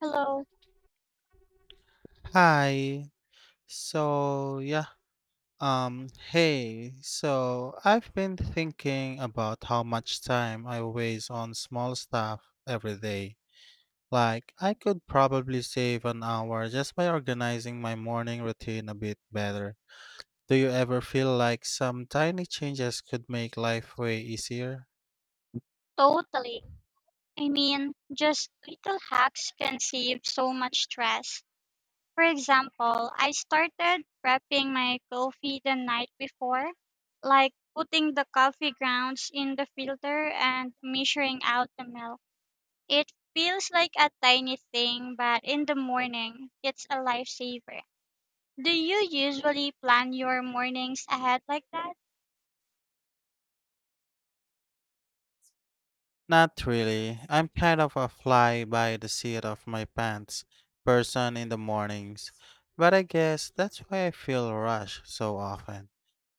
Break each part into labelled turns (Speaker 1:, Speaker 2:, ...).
Speaker 1: Hello.
Speaker 2: Hi. So, yeah. Hey. So, I've been thinking about how much time I waste on small stuff every day. Like, I could probably save an hour just by organizing my morning routine a bit better. Do you ever feel like some tiny changes could make life way easier?
Speaker 1: Totally. I mean, just little hacks can save so much stress. For example, I started prepping my coffee the night before, like putting the coffee grounds in the filter and measuring out the milk. It feels like a tiny thing, but in the morning, it's a lifesaver. Do you usually plan your mornings ahead like that?
Speaker 2: Not really. I'm kind of a fly by the seat of my pants person in the mornings. But I guess that's why I feel rushed so often.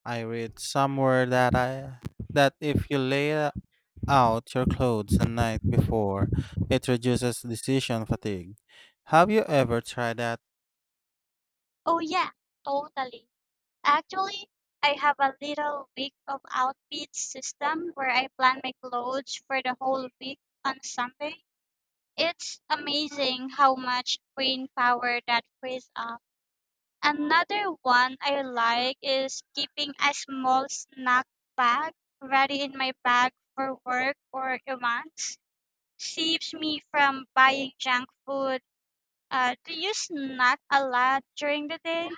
Speaker 2: I read somewhere that if you lay out your clothes the night before, it reduces decision fatigue. Have you ever tried that?
Speaker 1: Oh, yeah, totally. Actually, I have a little week of outfit system where I plan my clothes for the whole week on Sunday. It's amazing how much brain power that frees up. Another one I like is keeping a small snack bag ready in my bag for work or events. Saves me from buying junk food. Do you snack a lot during the day?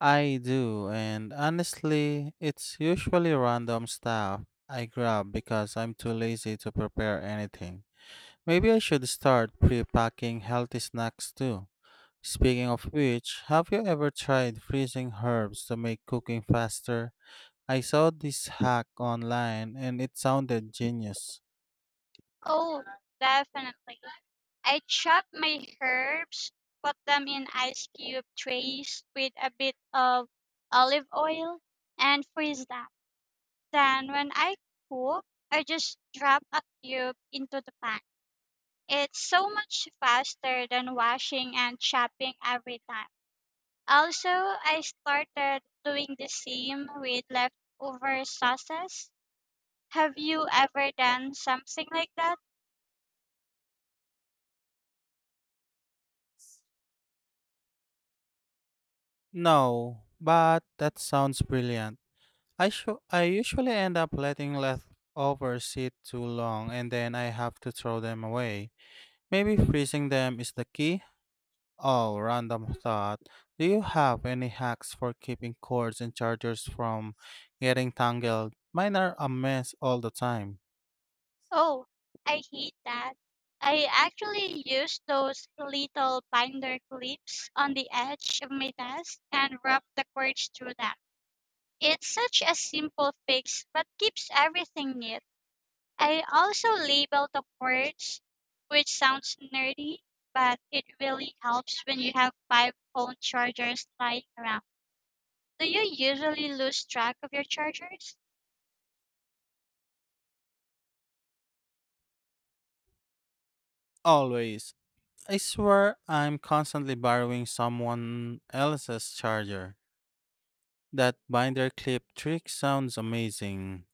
Speaker 2: I do, and honestly, it's usually random stuff I grab because I'm too lazy to prepare anything. Maybe I should start pre-packing healthy snacks too. Speaking of which, have you ever tried freezing herbs to make cooking faster? I saw this hack online and it sounded genius.
Speaker 1: Oh, definitely. I chop my herbs, put them in ice cube trays with a bit of olive oil, and freeze them. Then, when I cook, I just drop a cube into the pan. It's so much faster than washing and chopping every time. Also, I started doing the same with leftover sauces. Have you ever done something like that?
Speaker 2: No, but that sounds brilliant. I usually end up letting leftovers sit too long and then I have to throw them away. Maybe freezing them is the key? Oh, random thought. Do you have any hacks for keeping cords and chargers from getting tangled? Mine are a mess all the time.
Speaker 1: Oh, I hate that. I actually use those little binder clips on the edge of my desk and wrap the cords through them. It's such a simple fix but keeps everything neat. I also label the cords, which sounds nerdy, but it really helps when you have five phone chargers lying around. Do you usually lose track of your chargers?
Speaker 2: Always. I swear I'm constantly borrowing someone else's charger. That binder clip trick sounds amazing.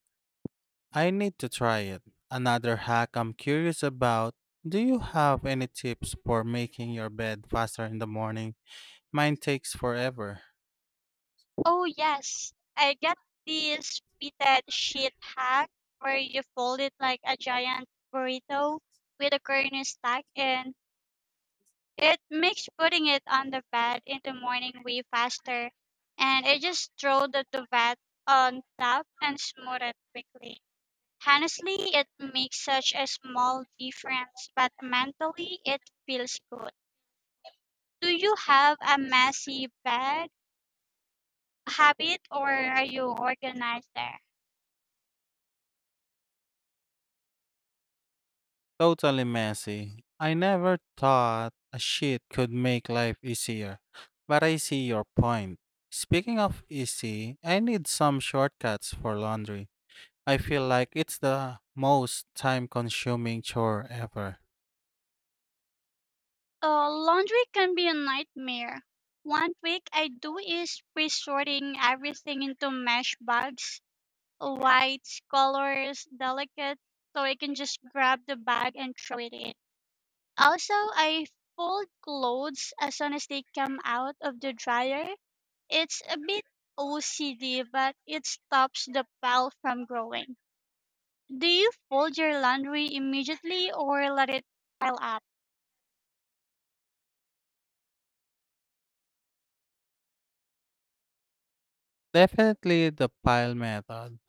Speaker 2: I need to try it. Another hack I'm curious about. Do you have any tips for making your bed faster in the morning? Mine takes forever.
Speaker 1: Oh yes, I get this fitted sheet hack where you fold it like a giant burrito with a corner stack and it makes putting it on the bed in the morning way faster. And I just throw the duvet on top and smooth it quickly. Honestly, it makes such a small difference, but mentally it feels good. Do you have a messy bed habit or are you organized there?
Speaker 2: Totally messy. I never thought a sheet could make life easier, but I see your point. Speaking of easy, I need some shortcuts for laundry. I feel like it's the most time consuming chore ever.
Speaker 1: Laundry can be a nightmare. One trick I do is pre-sorting everything into mesh bags, whites, colors, delicate, so I can just grab the bag and throw it in. Also, I fold clothes as soon as they come out of the dryer. It's a bit OCD, but it stops the pile from growing. Do you fold your laundry immediately or let it pile up?
Speaker 2: Definitely the pile method,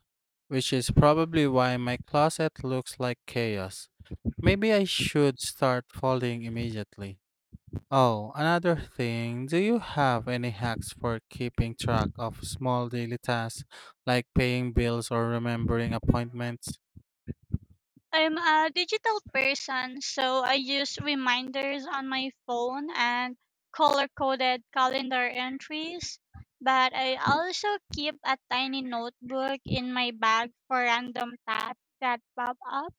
Speaker 2: which is probably why my closet looks like chaos. Maybe I should start folding immediately. Oh, another thing, do you have any hacks for keeping track of small daily tasks like paying bills or remembering appointments?
Speaker 1: I'm a digital person, so I use reminders on my phone and color coded calendar entries. But I also keep a tiny notebook in my bag for random tasks that pop up.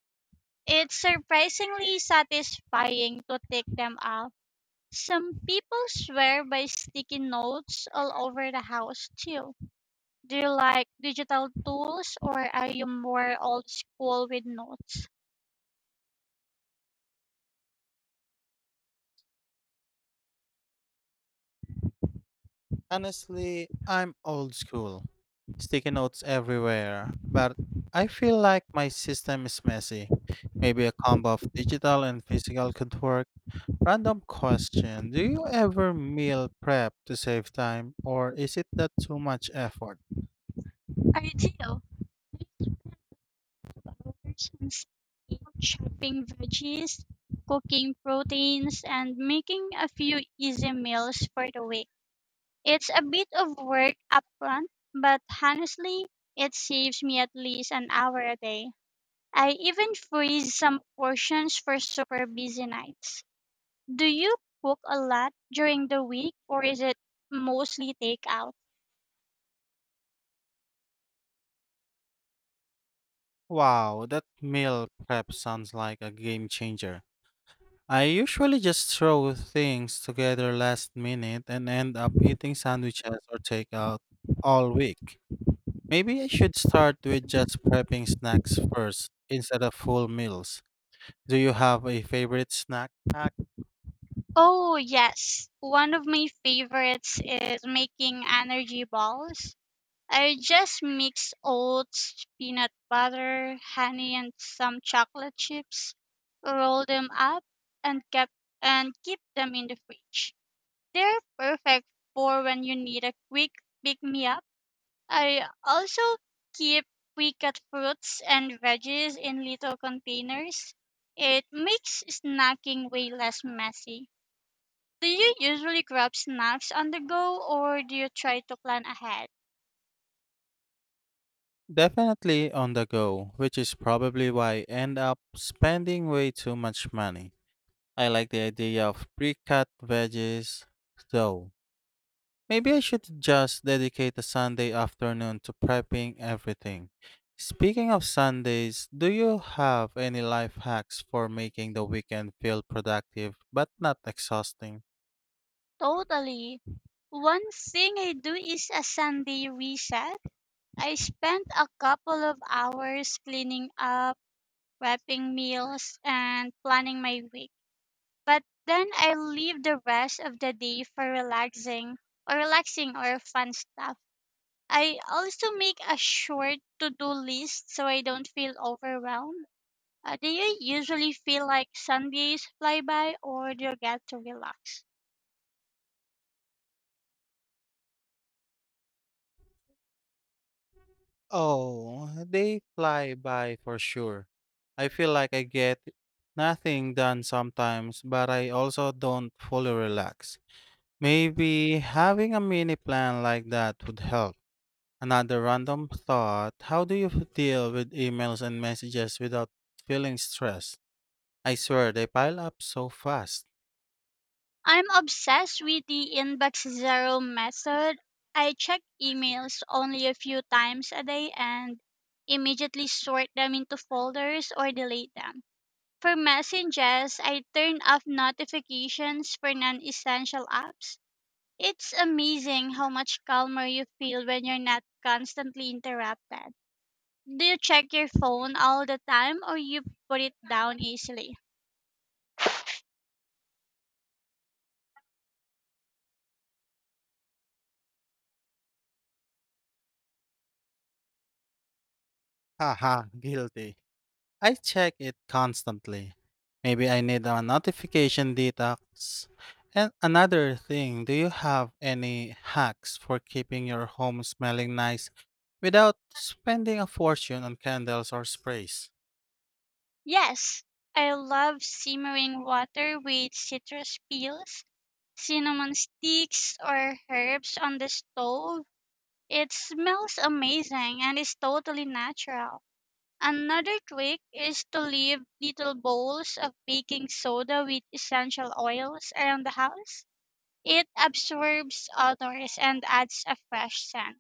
Speaker 1: It's surprisingly satisfying to take them off. Some people swear by sticky notes all over the house too. Do you like digital tools or are you more old school with notes?
Speaker 2: Honestly, I'm old school. Sticky notes everywhere, but I feel like my system is messy. Maybe a combo of digital and physical could work. Random question, do you ever meal prep to save time or is it that too much effort?
Speaker 1: I do. These kind of aversions in chopping veggies, cooking proteins, and making a few easy meals for the week. It's a bit of work upfront, but honestly, it saves me at least an hour a day. I even freeze some portions for super busy nights. Do you cook a lot during the week or is it mostly takeout?
Speaker 2: Wow, that meal prep sounds like a game changer. I usually just throw things together last minute and end up eating sandwiches or takeout all week. Maybe I should start with just prepping snacks first instead of full meals. Do you have a favorite snack hack?
Speaker 1: Oh, yes. One of my favorites is making energy balls. I just mix oats, peanut butter, honey, and some chocolate chips, roll them up, and kept and keep them in the fridge. They're perfect for when you need a quick pick me up. I also keep pre-cut fruits and veggies in little containers. It makes snacking way less messy. Do you usually grab snacks on the go, or do you try to plan ahead?
Speaker 2: Definitely on the go, which is probably why I end up spending way too much money. I like the idea of pre cut veggies, though. Maybe I should just dedicate a Sunday afternoon to prepping everything. Speaking of Sundays, do you have any life hacks for making the weekend feel productive but not exhausting?
Speaker 1: Totally. One thing I do is a Sunday reset. I spent a couple of hours cleaning up, prepping meals, and planning my week. But then I leave the rest of the day for relaxing or fun stuff. I also make a short to-do list so I don't feel overwhelmed. Do you usually feel like Sundays fly by or do you get to relax?
Speaker 2: Oh, they fly by for sure. I feel like I get nothing done sometimes, but I also don't fully relax. Maybe having a mini plan like that would help. Another random thought. How do you deal with emails and messages without feeling stressed? I swear they pile up so fast.
Speaker 1: I'm obsessed with the inbox zero method. I check emails only a few times a day and immediately sort them into folders or delete them. For messages, I turn off notifications for non essential apps. It's amazing how much calmer you feel when you're not constantly interrupted. Do you check your phone all the time or you put it down easily?
Speaker 2: Haha, guilty. I check it constantly. Maybe I need a notification detox. And another thing, do you have any hacks for keeping your home smelling nice without spending a fortune on candles or sprays?
Speaker 1: Yes, I love simmering water with citrus peels, cinnamon sticks, or herbs on the stove. It smells amazing and is totally natural. Another trick is to leave little bowls of baking soda with essential oils around the house. It absorbs odors and adds a fresh scent.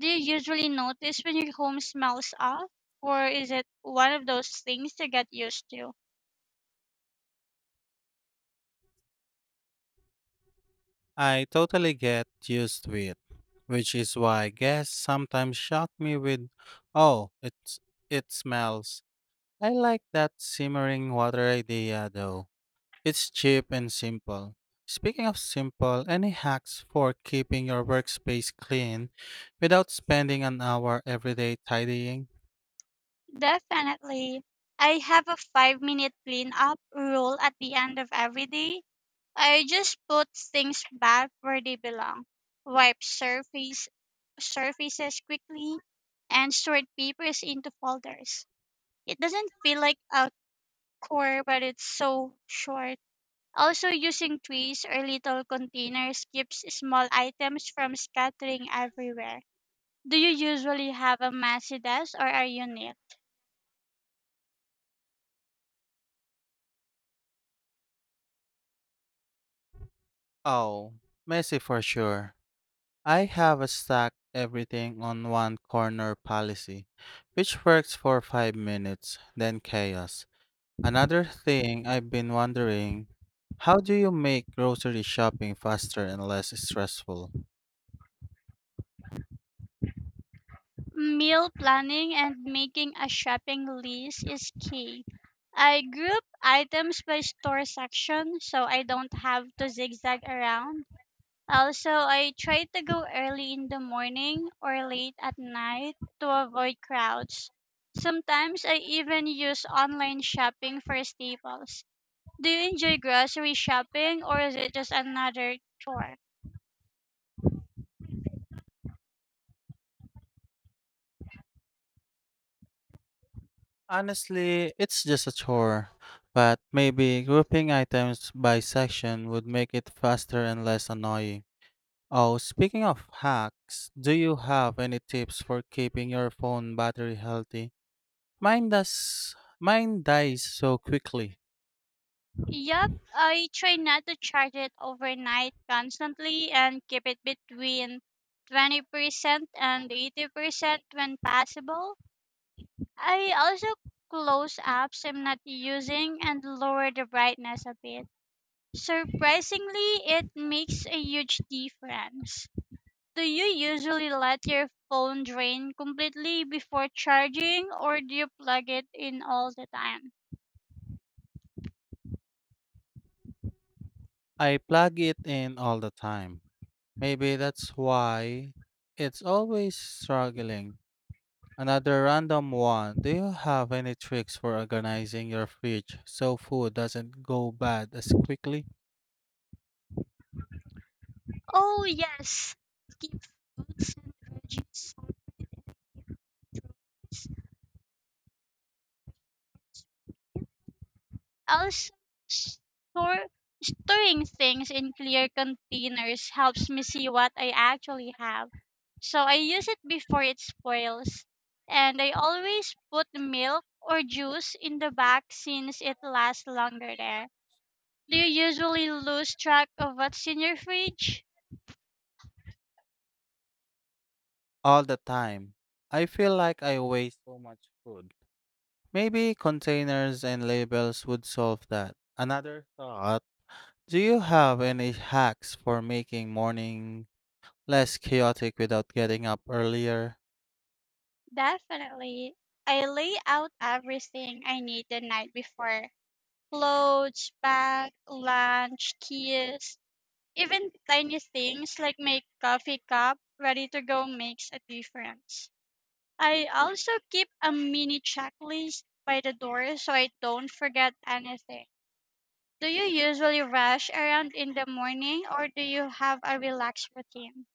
Speaker 1: Do you usually notice when your home smells off, or is it one of those things you get used to?
Speaker 2: I totally get used to it, which is why guests sometimes shock me with, "Oh, it smells." I like that simmering water idea though. It's cheap and simple. Speaking of simple, any hacks for keeping your workspace clean without spending an hour every day tidying?
Speaker 1: Definitely. I have a 5 minute cleanup rule at the end of every day. I just put things back where they belong, wipe surfaces quickly, and sort papers into folders. It doesn't feel like a chore, but it's so short. Also, using trays or little containers keeps small items from scattering everywhere. Do you usually have a messy desk or are you neat?
Speaker 2: Oh, messy for sure. I have a stack everything on one corner policy, which works for 5 minutes, then chaos. Another thing I've been wondering, how do you make grocery shopping faster and less stressful?
Speaker 1: Meal planning and making a shopping list is key. I group items by store section so I don't have to zigzag around. Also, I try to go early in the morning or late at night to avoid crowds. Sometimes I even use online shopping for staples. Do you enjoy grocery shopping or is it just another chore?
Speaker 2: Honestly, it's just a chore, but maybe grouping items by section would make it faster and less annoying. Oh, speaking of hacks, do you have any tips for keeping your phone battery healthy? Mine dies so quickly.
Speaker 1: Yep, I try not to charge it overnight constantly and keep it between 20% and 80% when possible. I also close apps I'm not using and lower the brightness a bit. Surprisingly, it makes a huge difference. Do you usually let your phone drain completely before charging or do you plug it in all the time?
Speaker 2: I plug it in all the time. Maybe that's why it's always struggling. Another random one. Do you have any tricks for organizing your fridge so food doesn't go bad as quickly?
Speaker 1: Oh yes, keep fruits and veggies separate and keep trophies. Also, store, storing things in clear containers helps me see what I actually have. So I use it before it spoils. And I always put milk or juice in the back since it lasts longer there. Do you usually lose track of what's in your fridge?
Speaker 2: All the time. I feel like I waste so much food. Maybe containers and labels would solve that. Another thought. Do you have any hacks for making morning less chaotic without getting up earlier?
Speaker 1: Definitely. I lay out everything I need the night before. Clothes, bag, lunch, keys, even tiny things like my coffee cup ready to go makes a difference. I also keep a mini checklist by the door so I don't forget anything. Do you usually rush around in the morning or do you have a relaxed routine?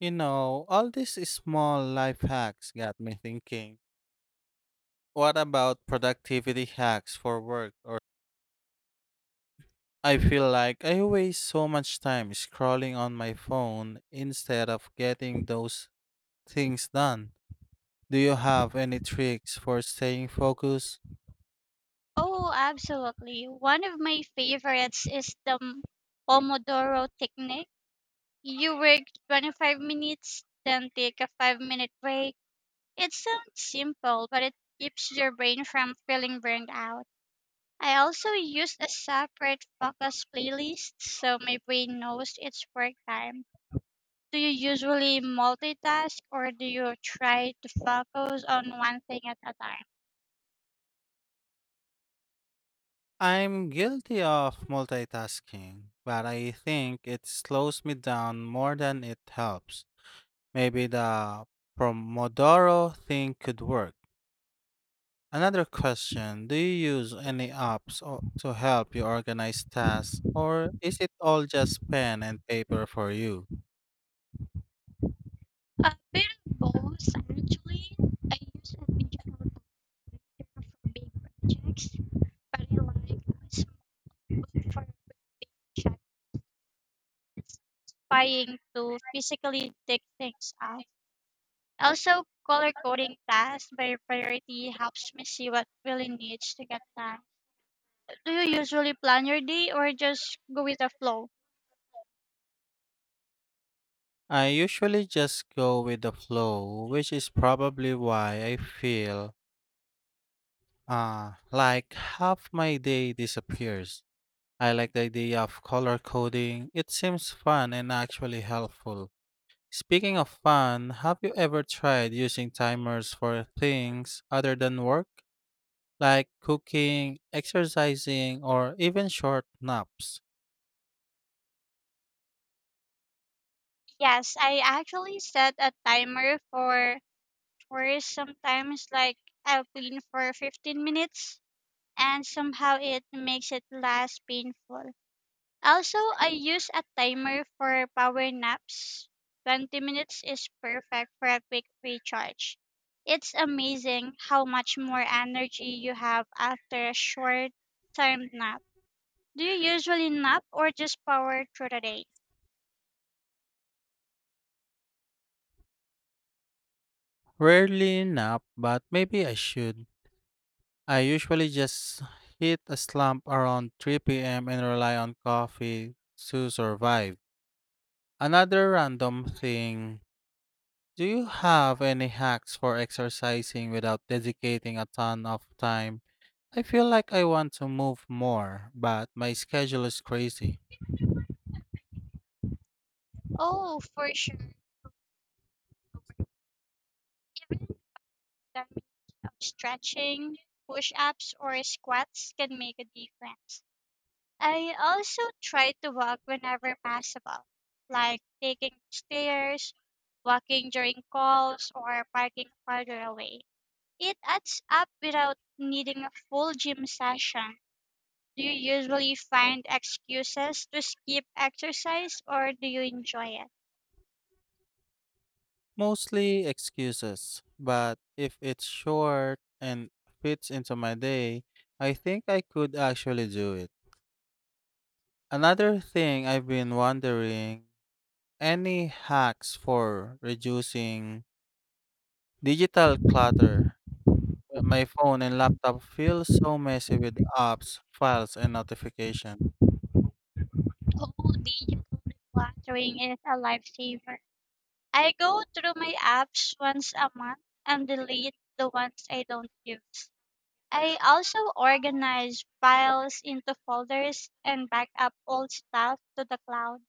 Speaker 2: All these small life hacks got me thinking. What about productivity hacks for work? Or I feel like I waste so much time scrolling on my phone instead of getting those things done. Do you have any tricks for staying focused?
Speaker 1: Oh, absolutely. One of my favorites is the Pomodoro technique. You work 25 minutes, then take a 5-minute break. It sounds simple, but it keeps your brain from feeling burned out. I also use a separate focus playlist so my brain knows it's work time. Do you usually multitask or do you try to focus on one thing at a time?
Speaker 2: I'm guilty of multitasking, but I think it slows me down more than it helps. Maybe the Pomodoro thing could work. Another question. Do you use any to help you organize tasks, or is it all just pen and paper for you?
Speaker 1: A bit of both, actually. I use a digital collector for big projects, but I like a small book for satisfying to physically take things out. Also, color coding tasks by priority helps me see what really needs to get done. Do you usually plan your day or just go with the flow?
Speaker 2: I usually just go with the flow, which is probably why I feel like half my day disappears. I like the idea of color coding, it seems fun and actually helpful. Speaking of fun, have you ever tried using timers for things other than work, like cooking, exercising, or even short naps?
Speaker 1: Yes, I actually set a timer for chores sometimes, like I'll clean for 15 minutes and somehow it makes it less painful. Also, I use a timer for power naps. 20 minutes is perfect for a quick recharge. It's amazing how much more energy you have after a short time nap. Do you usually nap or just power through the day?
Speaker 2: Rarely nap, but maybe I should. I usually just hit a slump around 3 p.m. and rely on coffee to survive. Another random thing. Do you have any hacks for exercising without dedicating a ton of time? I feel like I want to move more, but my schedule is crazy.
Speaker 1: Oh, for sure. Even 10 minutes of stretching, push ups, or squats can make a difference. I also try to walk whenever possible, like taking stairs, walking during calls, or parking farther away. It adds up without needing a full gym session. Do you usually find excuses to skip exercise or do you enjoy it?
Speaker 2: Mostly excuses, but if it's short and fits into my day, I think I could actually do it. Another thing I've been wondering, any hacks for reducing digital clutter? My phone and laptop feel so messy with apps, files, and notifications.
Speaker 1: Oh, digital decluttering is a lifesaver. I go through my apps once a month and delete the ones I don't use. I also organize files into folders and back up old stuff to the cloud.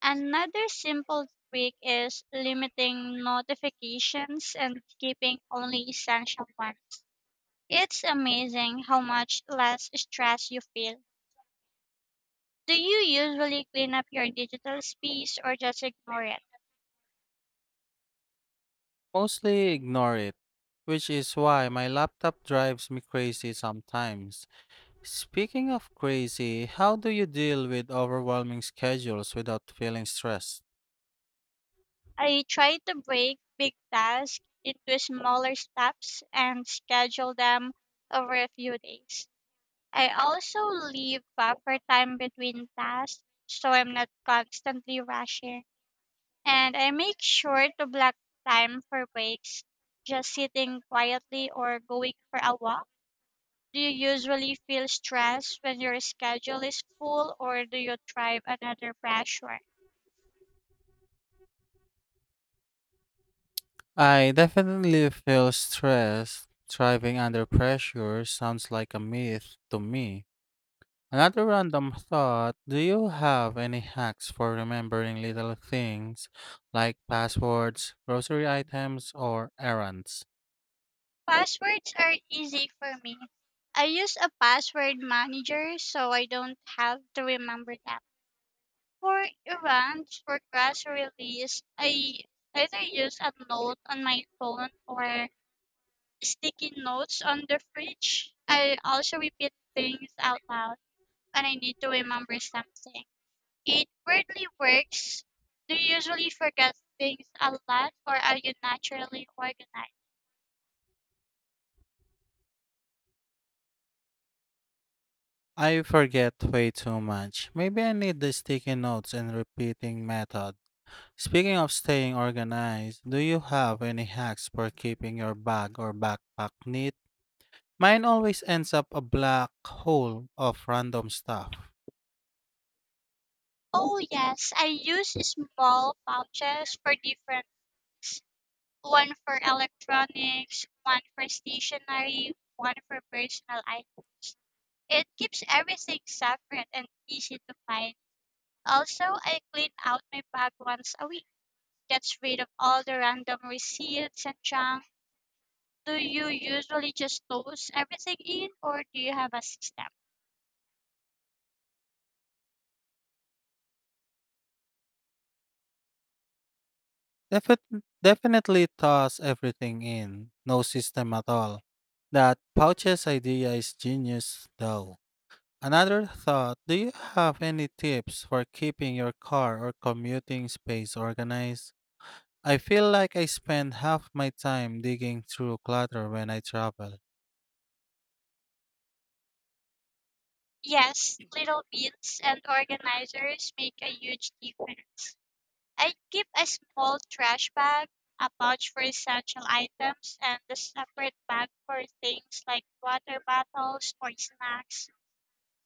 Speaker 1: Another simple trick is limiting notifications and keeping only essential ones. It's amazing how much less stress you feel. Do you usually clean up your digital space or just ignore it?
Speaker 2: Mostly ignore it, which is why my laptop drives me crazy sometimes. Speaking of crazy, how do you deal with overwhelming schedules without feeling stressed?
Speaker 1: I try to break big tasks into smaller steps and schedule them over a few days. I also leave buffer time between tasks so I'm not constantly rushing. And I make sure to block time for breaks, just sitting quietly or going for a walk. Do you usually feel stressed when your schedule is full or do you thrive another pressure?
Speaker 2: I definitely feel stressed. Thriving under pressure sounds like a myth to me. Another random thought. Do you have any hacks for remembering little things like passwords, grocery items, or errands?
Speaker 1: Passwords are easy for me. I use a password manager so I don't have to remember them. For events for press release, I either use a note on my phone or sticky notes on the fridge. I also repeat things out loud when I need to remember something. It weirdly works. Do you usually forget things a lot or are you naturally organized?
Speaker 2: I forget way too much. Maybe I need the sticky notes and repeating method. Speaking of staying organized, do you have any hacks for keeping your bag or backpack neat? Mine always ends up a black hole of random stuff.
Speaker 1: Oh, yes, I use small pouches for different one for electronics, one for stationery, one for personal items. It keeps everything separate and easy to find. Also, I clean out my bag once a week, gets rid of all the random receipts and junk. Do you usually just toss everything in, or do you have a system?
Speaker 2: Definitely toss everything in. No system at all. That pouches idea is genius, though. Another thought, do you have any tips for keeping your car or commuting space organized? I feel like I spend half my time digging through clutter when I travel.
Speaker 1: Yes, little bins and organizers make a huge difference. I keep a small trash bag, a pouch for essential items, and a separate bag for things like water bottles or snacks.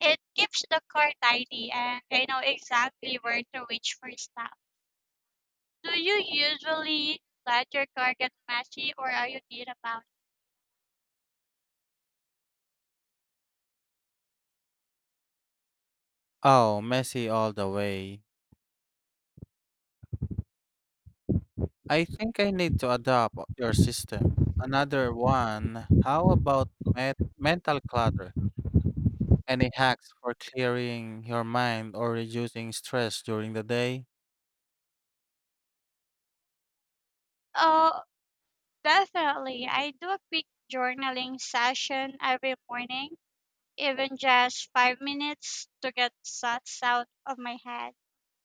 Speaker 1: It keeps the car tidy and I know exactly where to reach for stuff. Do you usually let your car get messy or are you neat about it?
Speaker 2: Oh, messy all the way. I think I need to adopt your system. Another one, how about mental clutter? Any hacks for clearing your mind or reducing stress during the day?
Speaker 1: Oh, definitely. I do a quick journaling session every morning, even just 5 minutes to get thoughts out of my head.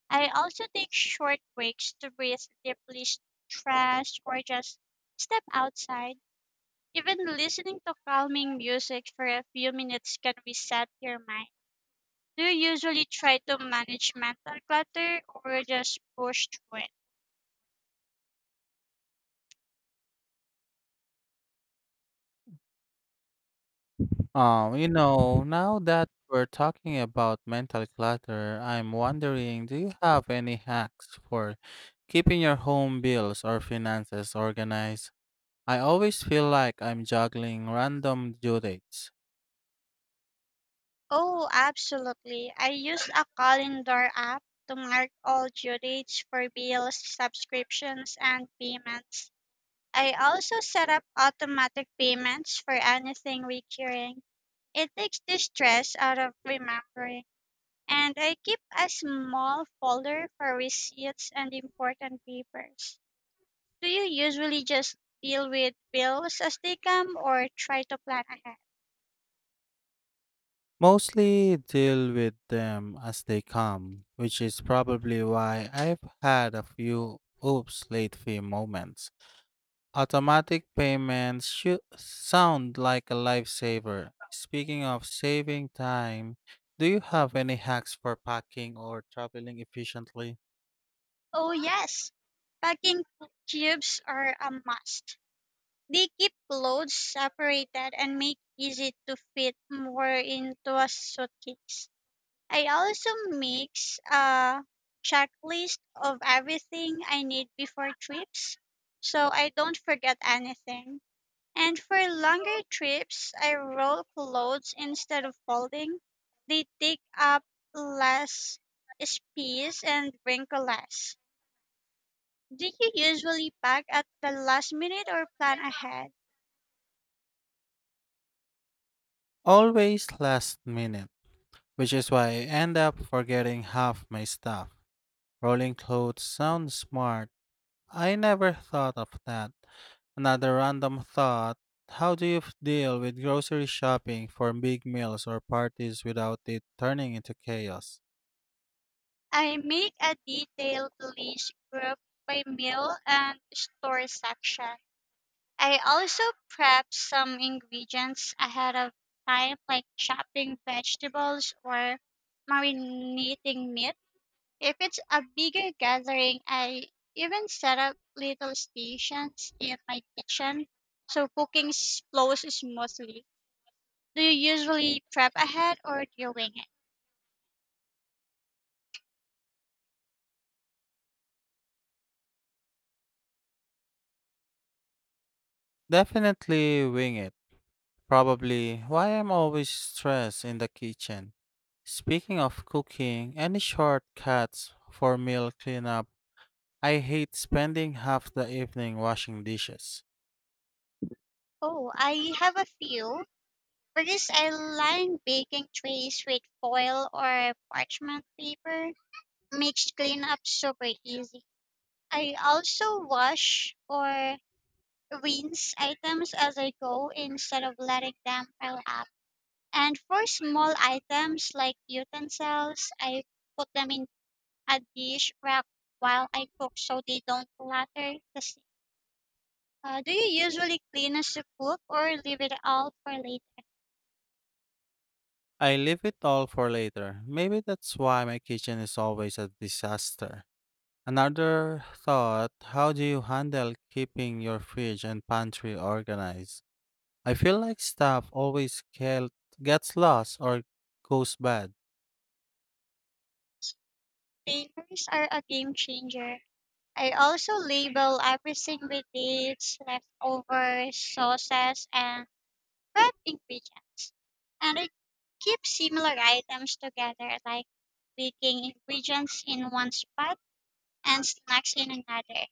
Speaker 1: I also take short breaks to breathe deeply, stress, or just step outside. Even listening to calming music for a few minutes can reset your mind. Do you usually try to manage mental clutter or just push through it?
Speaker 2: Now that we're talking about mental clutter, I'm wondering, do you have any hacks for keeping your home bills or finances organized? I always feel like I'm juggling random due dates.
Speaker 1: Oh, absolutely. I use a calendar app to mark all due dates for bills, subscriptions, and payments. I also set up automatic payments for anything recurring. It takes the stress out of remembering, and I keep a small folder for receipts and important papers. Do you usually just deal with bills as they come or try to plan ahead?
Speaker 2: Mostly deal with them as they come, which is probably why I've had a few oops late fee moments. Automatic payments should sound like a lifesaver. Speaking of saving time, do you have any hacks for packing or traveling efficiently?
Speaker 1: Oh, yes. Packing cubes are a must. They keep loads separated and make easy to fit more into a suitcase. I also mix a checklist of everything I need before trips so I don't forget anything. And for longer trips, I roll clothes instead of folding. They take up less space and wrinkle less. Do you usually pack at the last minute or plan ahead?
Speaker 2: Always last minute, which is why I end up forgetting half my stuff. Rolling clothes sounds smart. I never thought of that. Another random thought, how do you deal with grocery shopping for big meals or parties without it turning into chaos?
Speaker 1: I make a detailed list group by meal and store section. I also prep some ingredients ahead of time, like chopping vegetables or marinating meat. If it's a bigger gathering, I even set up little stations in my kitchen so flows smoothly. Do you usually prep ahead or do you wing it?
Speaker 2: Definitely wing it. Probably why I'm always stressed in the kitchen. Speaking of cooking, any shortcuts for meal cleanup? I hate spending half the evening washing dishes.
Speaker 1: Oh, I have a few. For this, I line baking trays with foil or parchment paper, makes cleanup super easy. I also wash or rinse items as I go instead of letting them pile up. And for small items like utensils, I put them in a dish rack while I cook so they don't clutter the sink. Do you usually clean as you cook or leave it all for later?
Speaker 2: I leave it all for later. Maybe that's why my kitchen is always a disaster. Another thought, how do you handle keeping your fridge and pantry organized? I feel like gets lost or goes bad.
Speaker 1: Containers are a game changer. I also label everything with dates, leftovers, sauces, and prep ingredients. And I keep similar items together, like baking ingredients in one spot and snacks in another.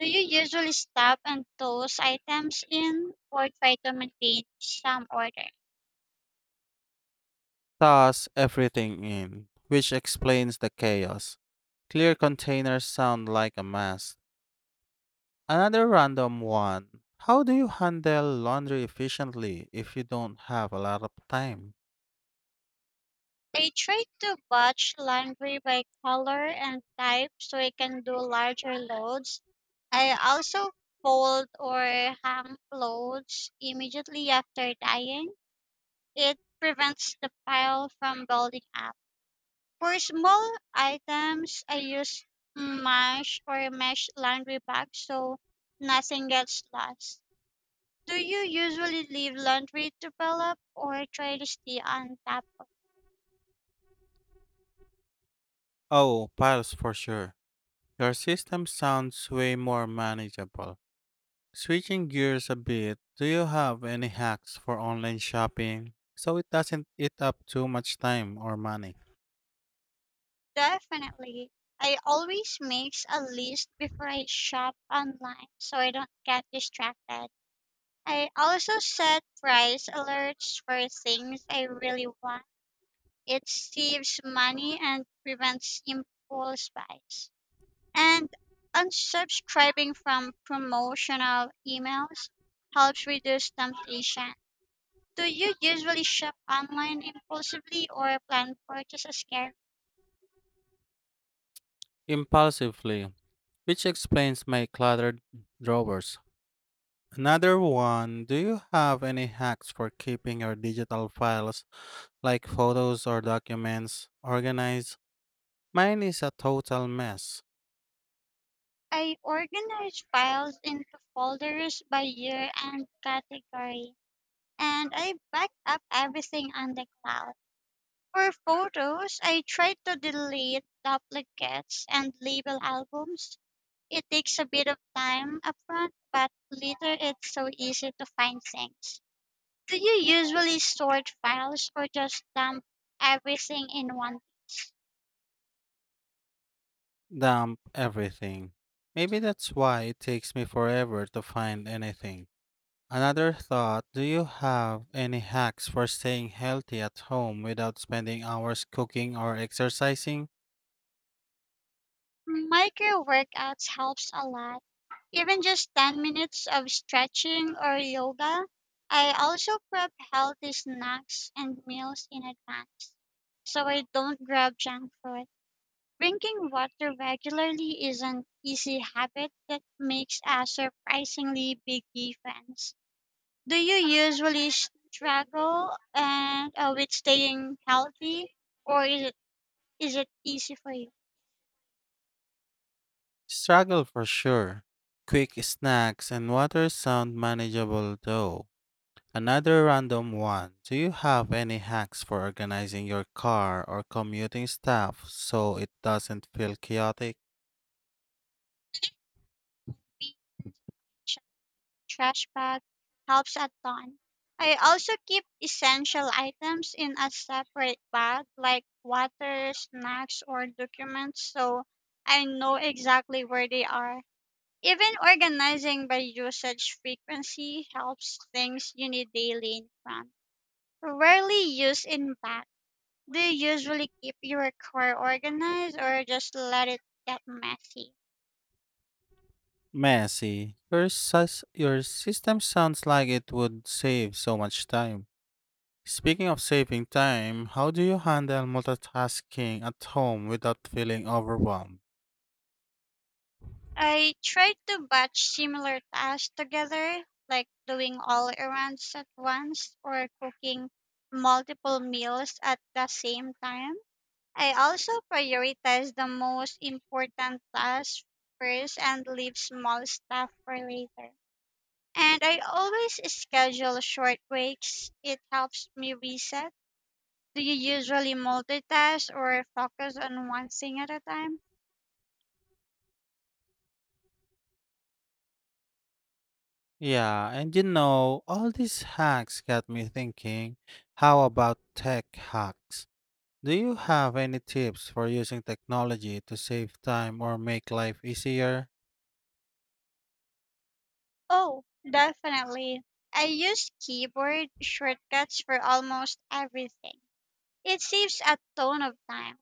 Speaker 1: Do you usually stop and toss items in or try to maintain some order?
Speaker 2: Toss everything in, which explains the chaos. Clear containers sound like a mess. Another random one. How do you handle laundry efficiently if you don't have a lot of time?
Speaker 1: I try to batch laundry by color and type so I can do larger loads. I also fold or hang clothes immediately after dyeing. It prevents the pile from building up. For small items, I use mesh or mesh laundry bags so nothing gets lost. Do you usually leave laundry to pile up or try to stay on top of?
Speaker 2: Oh, piles for sure. Your system sounds way more manageable. Switching gears a bit, do you have any hacks for online shopping so it doesn't eat up too much time or money?
Speaker 1: Definitely. I always make a list before I shop online so I don't get distracted. I also set price alerts for things I really want. It saves money and prevents impulse buys. And unsubscribing from promotional emails helps reduce temptation. Do you usually shop online impulsively or plan purchases carefully?
Speaker 2: Impulsively, which explains my cluttered drawers. Another one, do you have any hacks for keeping your digital files, like photos or documents, organized? Mine is a total mess.
Speaker 1: I organize files into folders by year and category, and I back up everything on the cloud. For photos, I try to delete duplicates and label albums. It takes a bit of time upfront, but later it's so easy to find things. Do you usually sort files or just dump everything in one?
Speaker 2: Dump everything. Maybe that's why it takes me forever to find anything. Another thought, do you have any hacks for staying healthy at home without spending hours cooking or exercising?
Speaker 1: Micro workouts helps a lot. Even just 10 minutes of stretching or yoga. I also prep healthy snacks and meals in advance so I don't grab junk food. Drinking water regularly is an easy habit that makes a surprisingly big difference. Do you usually struggle and with staying healthy or is it easy for you?
Speaker 2: Struggle for sure. Quick snacks and water sound manageable though. Another random one. Do you have any hacks for organizing your car or commuting stuff so it doesn't feel chaotic?
Speaker 1: Trash bag helps a ton. I also keep essential items in a separate bag like water, snacks, or documents so I know exactly where they are. Even organizing by usage frequency helps things you need daily in front. Rarely use in back. Do you usually keep your car organized or just let it get messy?
Speaker 2: Messy. Your system sounds like it would save so much time. Speaking of saving time, how do you handle multitasking at home without feeling overwhelmed?
Speaker 1: I try to batch similar tasks together, like doing all errands at once or cooking multiple meals at the same time. I also prioritize the most important tasks first and leave small stuff for later. And I always schedule short breaks. It helps me reset. Do you usually multitask or focus on one thing at a time?
Speaker 2: Yeah. All these hacks got me thinking, how about tech hacks? Do you have any tips for using technology to save time or make life easier?
Speaker 1: Oh, definitely. I use keyboard shortcuts for almost everything. It saves a ton of time.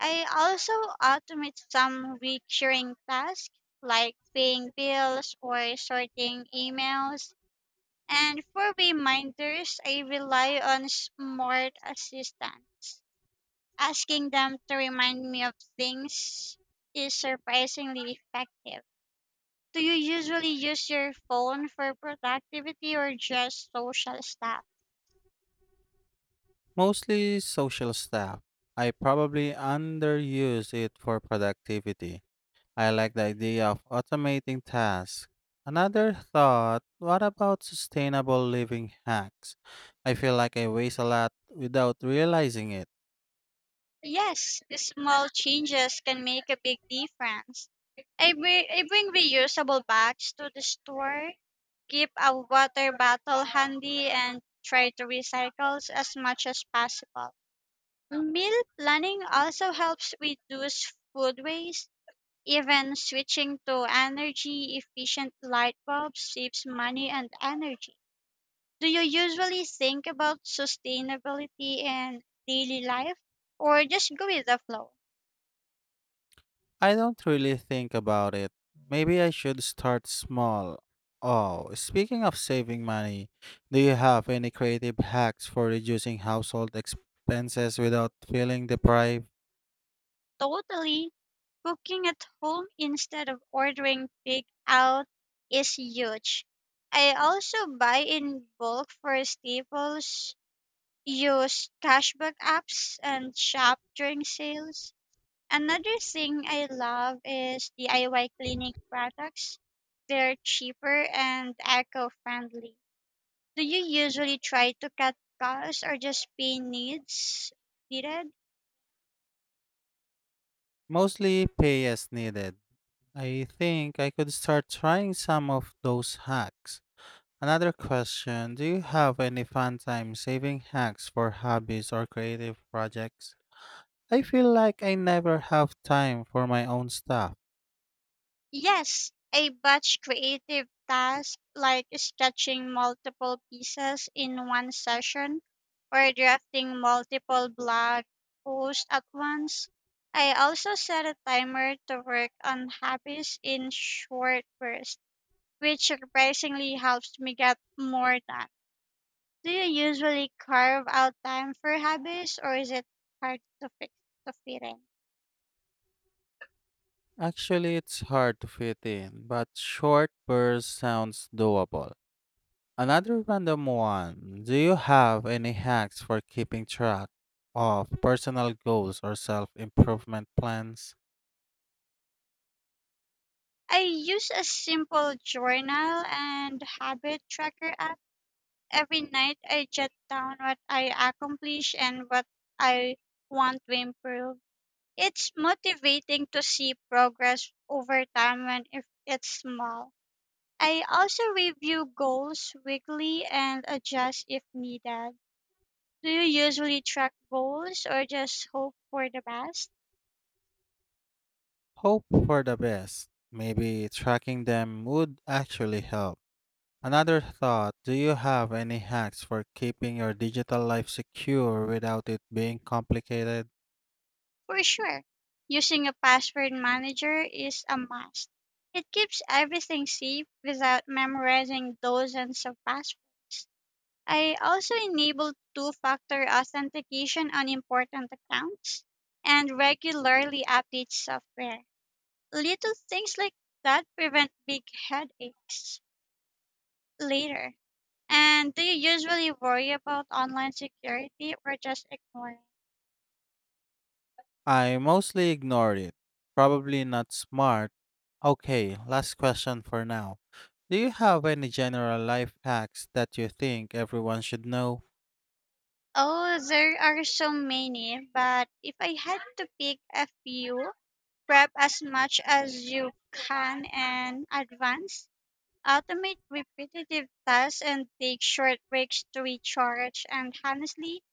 Speaker 1: I also automate some recurring tasks like paying bills or sorting emails. And for reminders, I rely on smart assistants. Asking them to remind me of things is surprisingly effective. Do you usually use your phone for productivity or just social stuff?
Speaker 2: Mostly social stuff. I probably underuse it for productivity. I like the idea of automating tasks. Another thought, what about sustainable living hacks? I feel like I waste a lot without realizing it.
Speaker 1: Yes, small changes can make a big difference. I bring reusable bags to the store, keep a water bottle handy, and try to recycle as much as possible. Meal planning also helps reduce food waste. Even switching to energy efficient light bulbs saves money and energy. Do you usually think about sustainability in daily life or just go with the flow?
Speaker 2: I don't really think about it. Maybe I should start small. Oh, speaking of saving money, do you have any creative hacks for reducing household expenses without feeling deprived?
Speaker 1: Totally. Cooking at home instead of ordering big out is huge. I also buy in bulk for staples, use cashback apps, and shop during sales. Another thing I love is DIY cleaning products. They're cheaper and eco friendly. Do you usually try to cut costs or just pay needs needed?
Speaker 2: Mostly pay as needed. I think I could start trying some of those hacks. Another question. Do you have any fun time saving hacks for hobbies or creative projects? I feel like I never have time for my own stuff.
Speaker 1: Yes, I batch creative tasks like sketching multiple pieces in one session or drafting multiple blog posts at once. I also set a timer to work on hobbies in short bursts, which surprisingly helps me get more done. Do you usually carve out time for hobbies or is it hard to fix to fit in?
Speaker 2: Actually, it's hard to fit in, but short bursts sounds doable. Another random one. Do you have any hacks for keeping track of personal goals or self improvement plans?
Speaker 1: I use a simple journal and habit tracker app. Every night I jot down what I accomplish and what I want to improve. It's motivating to see progress over time and if it's small. I also review goals weekly and adjust if needed. Do you usually track goals or just hope for the best?
Speaker 2: Hope for the best. Maybe tracking them would actually help. Another thought. Do you have any hacks for keeping your digital life secure without it being complicated?
Speaker 1: For sure, using a password manager is a must. It keeps everything safe without memorizing dozens of passwords. I also enable two factor authentication on important accounts and regularly update software. Little things like that prevent big headaches later. And do you usually worry about online security or just ignore it?
Speaker 2: I mostly ignored it. Probably not smart. Okay, last question for now. Do you have any general life hacks that you think everyone should know?
Speaker 1: Oh, there are so many, but if I had to pick a few, prep as much as you can and advance, automate repetitive tasks and take short breaks to recharge, and honestly,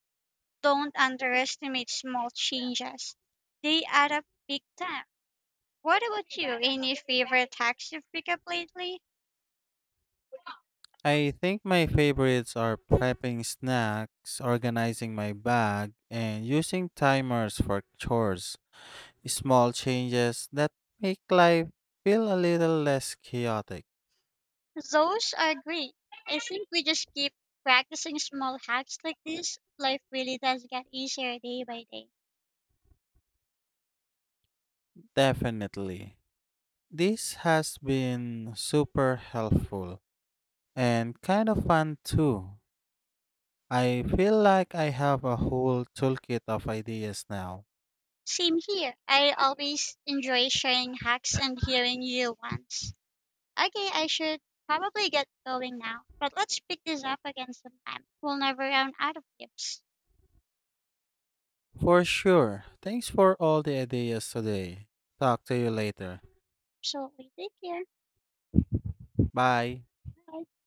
Speaker 1: don't underestimate small changes. They add up big time. What about you? Any favorite hacks you've picked up lately?
Speaker 2: I think my favorites are prepping snacks, organizing my bag, and using timers for chores. Small changes that make life feel a little less chaotic.
Speaker 1: Those are great. I think we just keep practicing small hacks like this. Life really does get easier day by day.
Speaker 2: Definitely. This has been super helpful. And kind of fun too. I feel like I have a whole toolkit of ideas now.
Speaker 1: Same here. I always enjoy sharing hacks and hearing you ones. Okay, I should probably get going now, but let's pick this up again sometime. We'll never run out of tips.
Speaker 2: For sure. Thanks for all the ideas today. Talk to you later.
Speaker 1: So we take care.
Speaker 2: Bye.
Speaker 1: Bye.